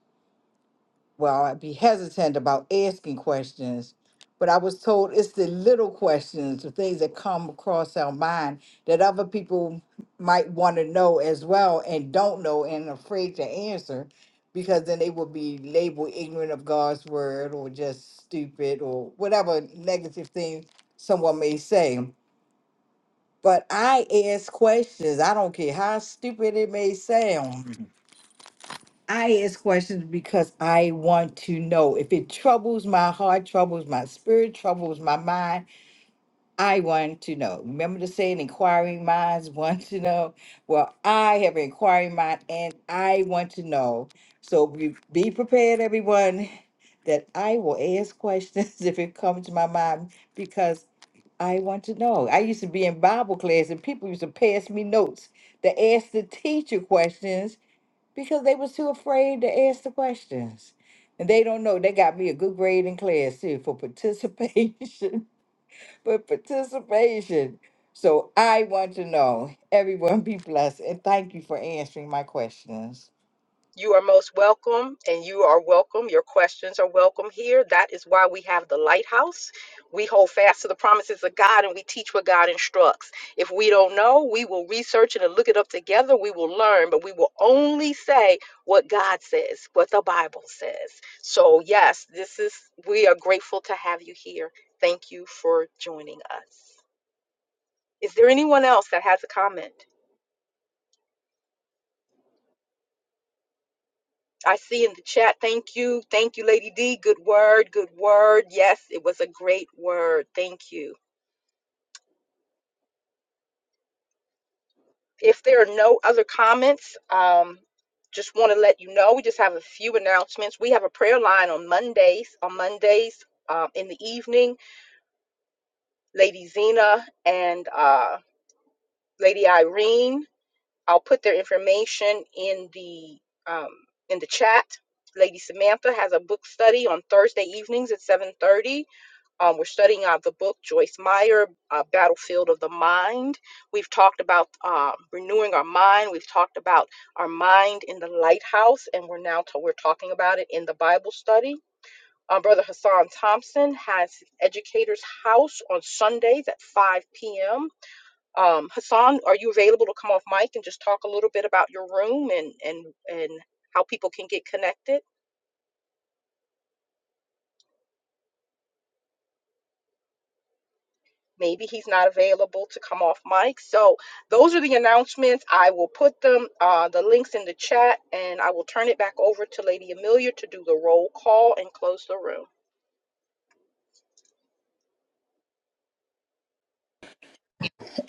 [SPEAKER 7] well, I'd be hesitant about asking questions, but I was told it's the little questions, the things that come across our mind that other people might want to know as well and don't know and afraid to answer because then they will be labeled ignorant of God's word or just stupid or whatever negative thing someone may say. But I ask questions. I don't care how stupid it may sound. I ask questions because I want to know. If it troubles my heart, troubles my spirit, troubles my mind, I want to know. Remember the saying, inquiring minds [LAUGHS] want to know. Well, I have an inquiring mind and I want to know. So be, be prepared, everyone, that I will ask questions [LAUGHS] if it comes to my mind because I want to know. I used to be in Bible class and people used to pass me notes to ask the teacher questions because they was too afraid to ask the questions. And they don't know. They got me a good grade in class too for participation. [LAUGHS] for participation. So I want to know. Everyone be blessed and thank you for answering my questions.
[SPEAKER 1] You are most welcome, and you are welcome. Your questions are welcome here. That is why we have the lighthouse. We hold fast to the promises of God and we teach what God instructs. If we don't know, we will research it and look it up together. We will learn, but we will only say what God says, what the Bible says. So, yes, this is, we are grateful to have you here. Thank you for joining us. Is there anyone else that has a comment? I see in the chat. Thank you. Thank you, Lady D. Good word. Good word. Yes, it was a great word. Thank you. If there are no other comments, um, just want to let you know we just have a few announcements. We have a prayer line on Mondays. On Mondays um, in the evening, Lady Zena and uh, Lady Irene. I'll put their information in the um, in the chat. Lady Samantha has a book study on Thursday evenings at 7:30 Um, we're studying out the book Joyce Meyer, uh, Battlefield of the Mind. We've talked about um, renewing our mind. We've talked about our mind in the lighthouse, and we're now t- we're talking about it in the Bible study. Uh, Brother Hassan Thompson has Educators House on Sundays at 5 p.m. Um, Hassan, are you available to come off mic and just talk a little bit about your room and and and how people can get connected? Maybe he's not available to come off mic. So those are the announcements. I will put them, uh, the links in the chat, and I will turn it back over to Lady Amelia to do the roll call and close the room.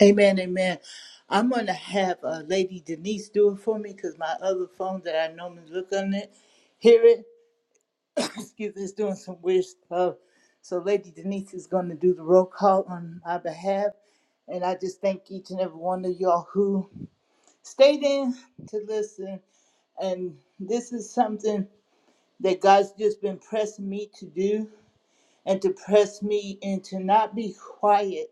[SPEAKER 3] Amen, amen. I'm going to have uh, Lady Denise do it for me because my other phone that I normally look on it, hear it, [COUGHS] excuse me, it's doing some weird stuff. So Lady Denise is going to do the roll call on my behalf. And I just thank each and every one of y'all who Stay there to listen. And this is something that God's just been pressing me to do and to press me into not be quiet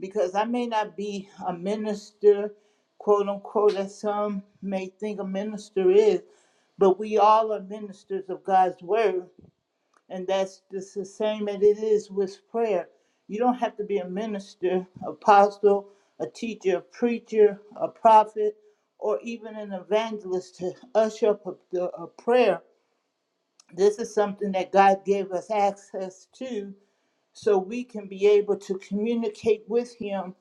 [SPEAKER 3] because I may not be a minister, quote unquote, as some may think a minister is, but we all are ministers of God's word. And that's just the same as it is with prayer. You don't have to be a minister, apostle, a teacher, a preacher, a prophet, or even an evangelist to usher up a, a prayer. This is something that God gave us access to so we can be able to communicate with Him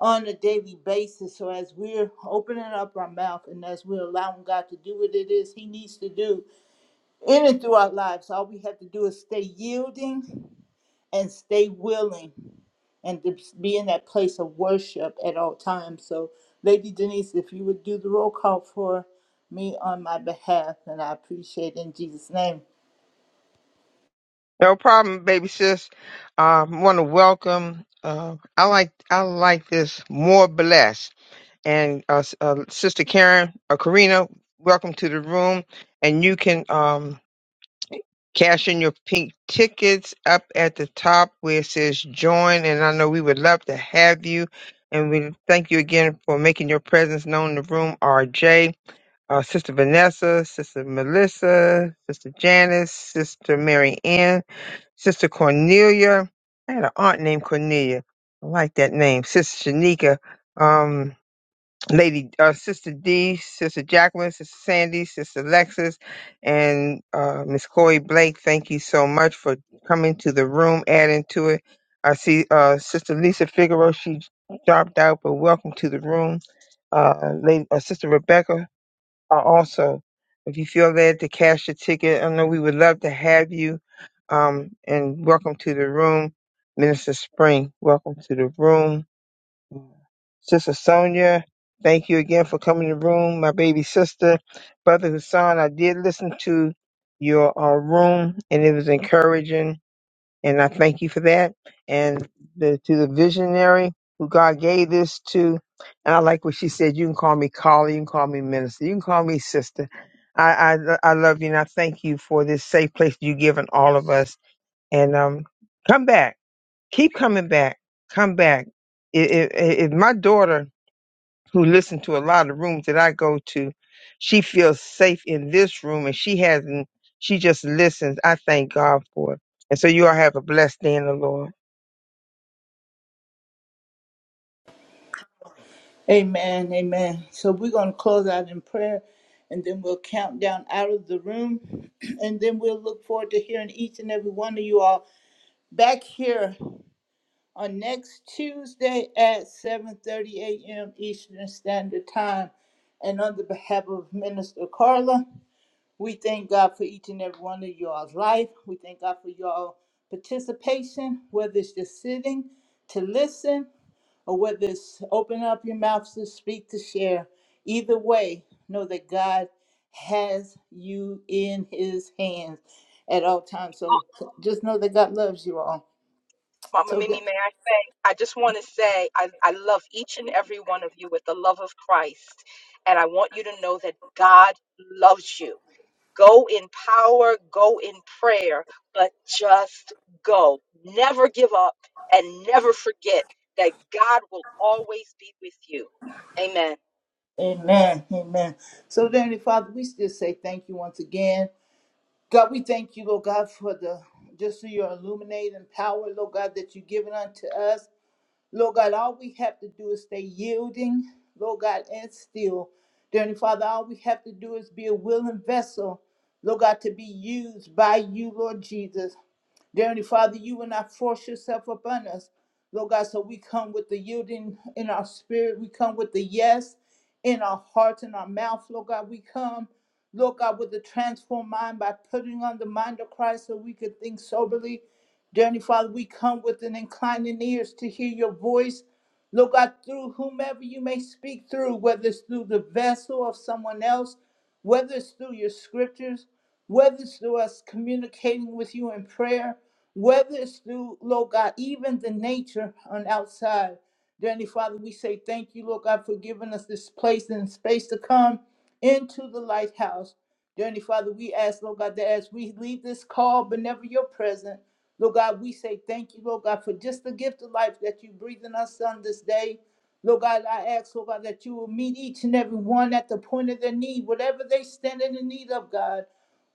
[SPEAKER 3] on a daily basis. So as we're opening up our mouth and as we're allowing God to do what it is He needs to do in and through our lives, all we have to do is stay yielding and stay willing and to be in that place of worship at all times. So, Lady Denise, if you would do the roll call for me on my behalf, and I appreciate it in Jesus' name.
[SPEAKER 4] No problem, baby sis. I want to welcome. Uh, I like I like this more blessed. and uh, S- uh, Sister Karen or Karina, welcome to the room. And you can um, cash in your pink tickets up at the top where it says join. And I know we would love to have you. And we thank you again for making your presence known in the room, RJ, uh, Sister Vanessa, Sister Melissa, Sister Janice, Sister Mary Ann, Sister Cornelia. I had an aunt named Cornelia. I like that name. Sister Shanika. Um, Lady uh, Sister D, Sister Jacqueline, Sister Sandy, Sister Lexis, and uh, Miss Chloe Blake, thank you so much for coming to the room, adding to it. I see uh, Sister Lisa Figaro, she dropped out, but welcome to the room. Uh, lady, uh, Sister Rebecca, uh, also, if you feel led to cash your ticket, I know we would love to have you. Um, and welcome to the room, Minister Spring. Welcome to the room. Sister Sonia, thank you again for coming to the room. My baby sister, Brother Hassan, I did listen to your uh, room and it was encouraging, and I thank you for that. And the, to the visionary who God gave this to, and I like what she said. You can call me Carly, you can call me minister, you can call me sister. I, I I love you and I thank you for this safe place you've given all of us. And um, come back, keep coming back, come back. If, if, if my daughter who listen to a lot of rooms that I go to, she feels safe in this room and she hasn't, she just listens. I thank God for it. And so you all have a blessed day in the Lord.
[SPEAKER 3] Amen. Amen. So, we're going to close out in prayer and then we'll count down out of the room. [CLEARS THROAT] And then we'll look forward to hearing each and every one of you all back here on next Tuesday at seven thirty AM Eastern Standard Time. And on the behalf of Minister Carla, we thank God for each and every one of y'all's life. We thank God for y'all participation, whether it's just sitting to listen or whether it's open up your mouths to speak, to share. Either way, know that God has you in his hands at all times. So just know that God loves you all.
[SPEAKER 1] Mama Mimi,
[SPEAKER 3] So
[SPEAKER 1] may I say, I just want to say I, I love each and every one of you with the love of Christ. And I want you to know that God loves you. Go in power, go in prayer, but just go. Never give up and never forget that God will always be with you. Amen.
[SPEAKER 3] Amen. Amen. So, dear Heavenly Father, we still say thank you once again. God, we thank you, Lord God, for the just for your illuminating power, Lord God, that you've given unto us. Lord God, all we have to do is stay yielding, Lord God, and still. dearly Father, all we have to do is be a willing vessel, Lord God, to be used by you, Lord Jesus. dearly Father, you will not force yourself upon us, Lord God, so we come with the yielding in our spirit. We come with the yes in our hearts and our mouth, Lord God. We come, Lord God, with a transformed mind by putting on the mind of Christ so we could think soberly Dear Heavenly Father, we come with an inclining ears to hear your voice. Lord God, through whomever you may speak through, whether it's through the vessel of someone else, whether it's through your scriptures, whether it's through us communicating with you in prayer, whether it's through, Lord God, even the nature on outside. Dear Heavenly Father, we say thank you, Lord God, for giving us this place and space to come into the lighthouse. Dear Heavenly Father, we ask, Lord God, that as we leave this call, but never your presence. Lord God, we say thank you, Lord God, for just the gift of life that you breathe in us on this day. Lord God, I ask, Lord God, that you will meet each and every one at the point of their need, whatever they stand in the need of, God.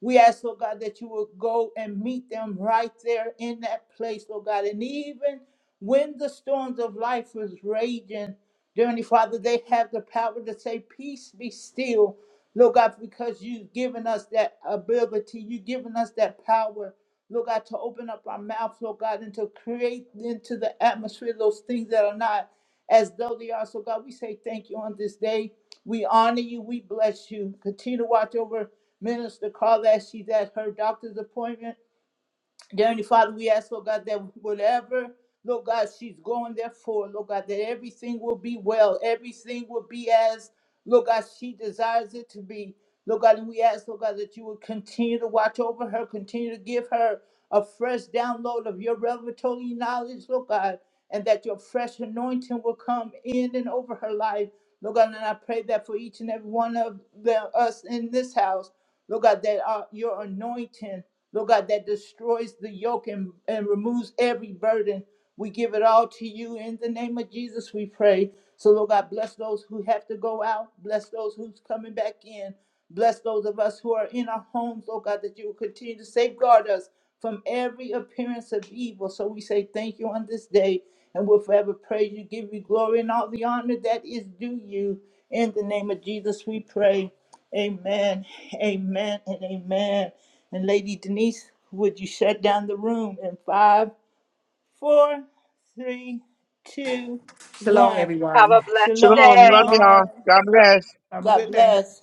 [SPEAKER 3] We ask, Lord God, that you will go and meet them right there in that place, Lord God. And even when the storms of life is raging, dear Heavenly Father, they have the power to say, Peace be still. Lord God, because you've given us that ability, you've given us that power. Lord God, to open up our mouths, Lord God, and to create into the atmosphere those things that are not as though they are. So, God, we say thank you on this day. We honor you. We bless you. Continue to watch over Minister Carl as she's at her doctor's appointment. Dear Heavenly Father, we ask, Lord God, that whatever, Lord God, she's going there for, Lord God, that everything will be well, everything will be as, Lord God, she desires it to be. Lord God, and we ask, Lord God, that you would continue to watch over her, continue to give her a fresh download of your revelatory knowledge, Lord God, and that your fresh anointing will come in and over her life. Lord God, and I pray that for each and every one of the, us in this house, Lord God, that uh, your anointing. Lord God, that destroys the yoke and, and removes every burden. We give it all to you in the name of Jesus, we pray. So, Lord God, bless those who have to go out, bless those who's coming back in, bless those of us who are in our homes, Lord God, that you will continue to safeguard us from every appearance of evil. So, we say thank you on this day, and we'll forever praise you, give you glory and all the honor that is due you. In the name of Jesus, we pray. Amen. Amen. And amen. And Lady Denise, would you shut down the room in five, four, three, two,
[SPEAKER 7] Shalom,
[SPEAKER 3] one?
[SPEAKER 1] Have
[SPEAKER 7] everyone.
[SPEAKER 1] a
[SPEAKER 3] Shalom,
[SPEAKER 1] blessed
[SPEAKER 4] Shalom.
[SPEAKER 1] day.
[SPEAKER 4] Love
[SPEAKER 3] shalom.
[SPEAKER 6] Bye.
[SPEAKER 4] y'all. God bless.
[SPEAKER 6] Have a
[SPEAKER 3] God
[SPEAKER 6] good day.
[SPEAKER 3] bless.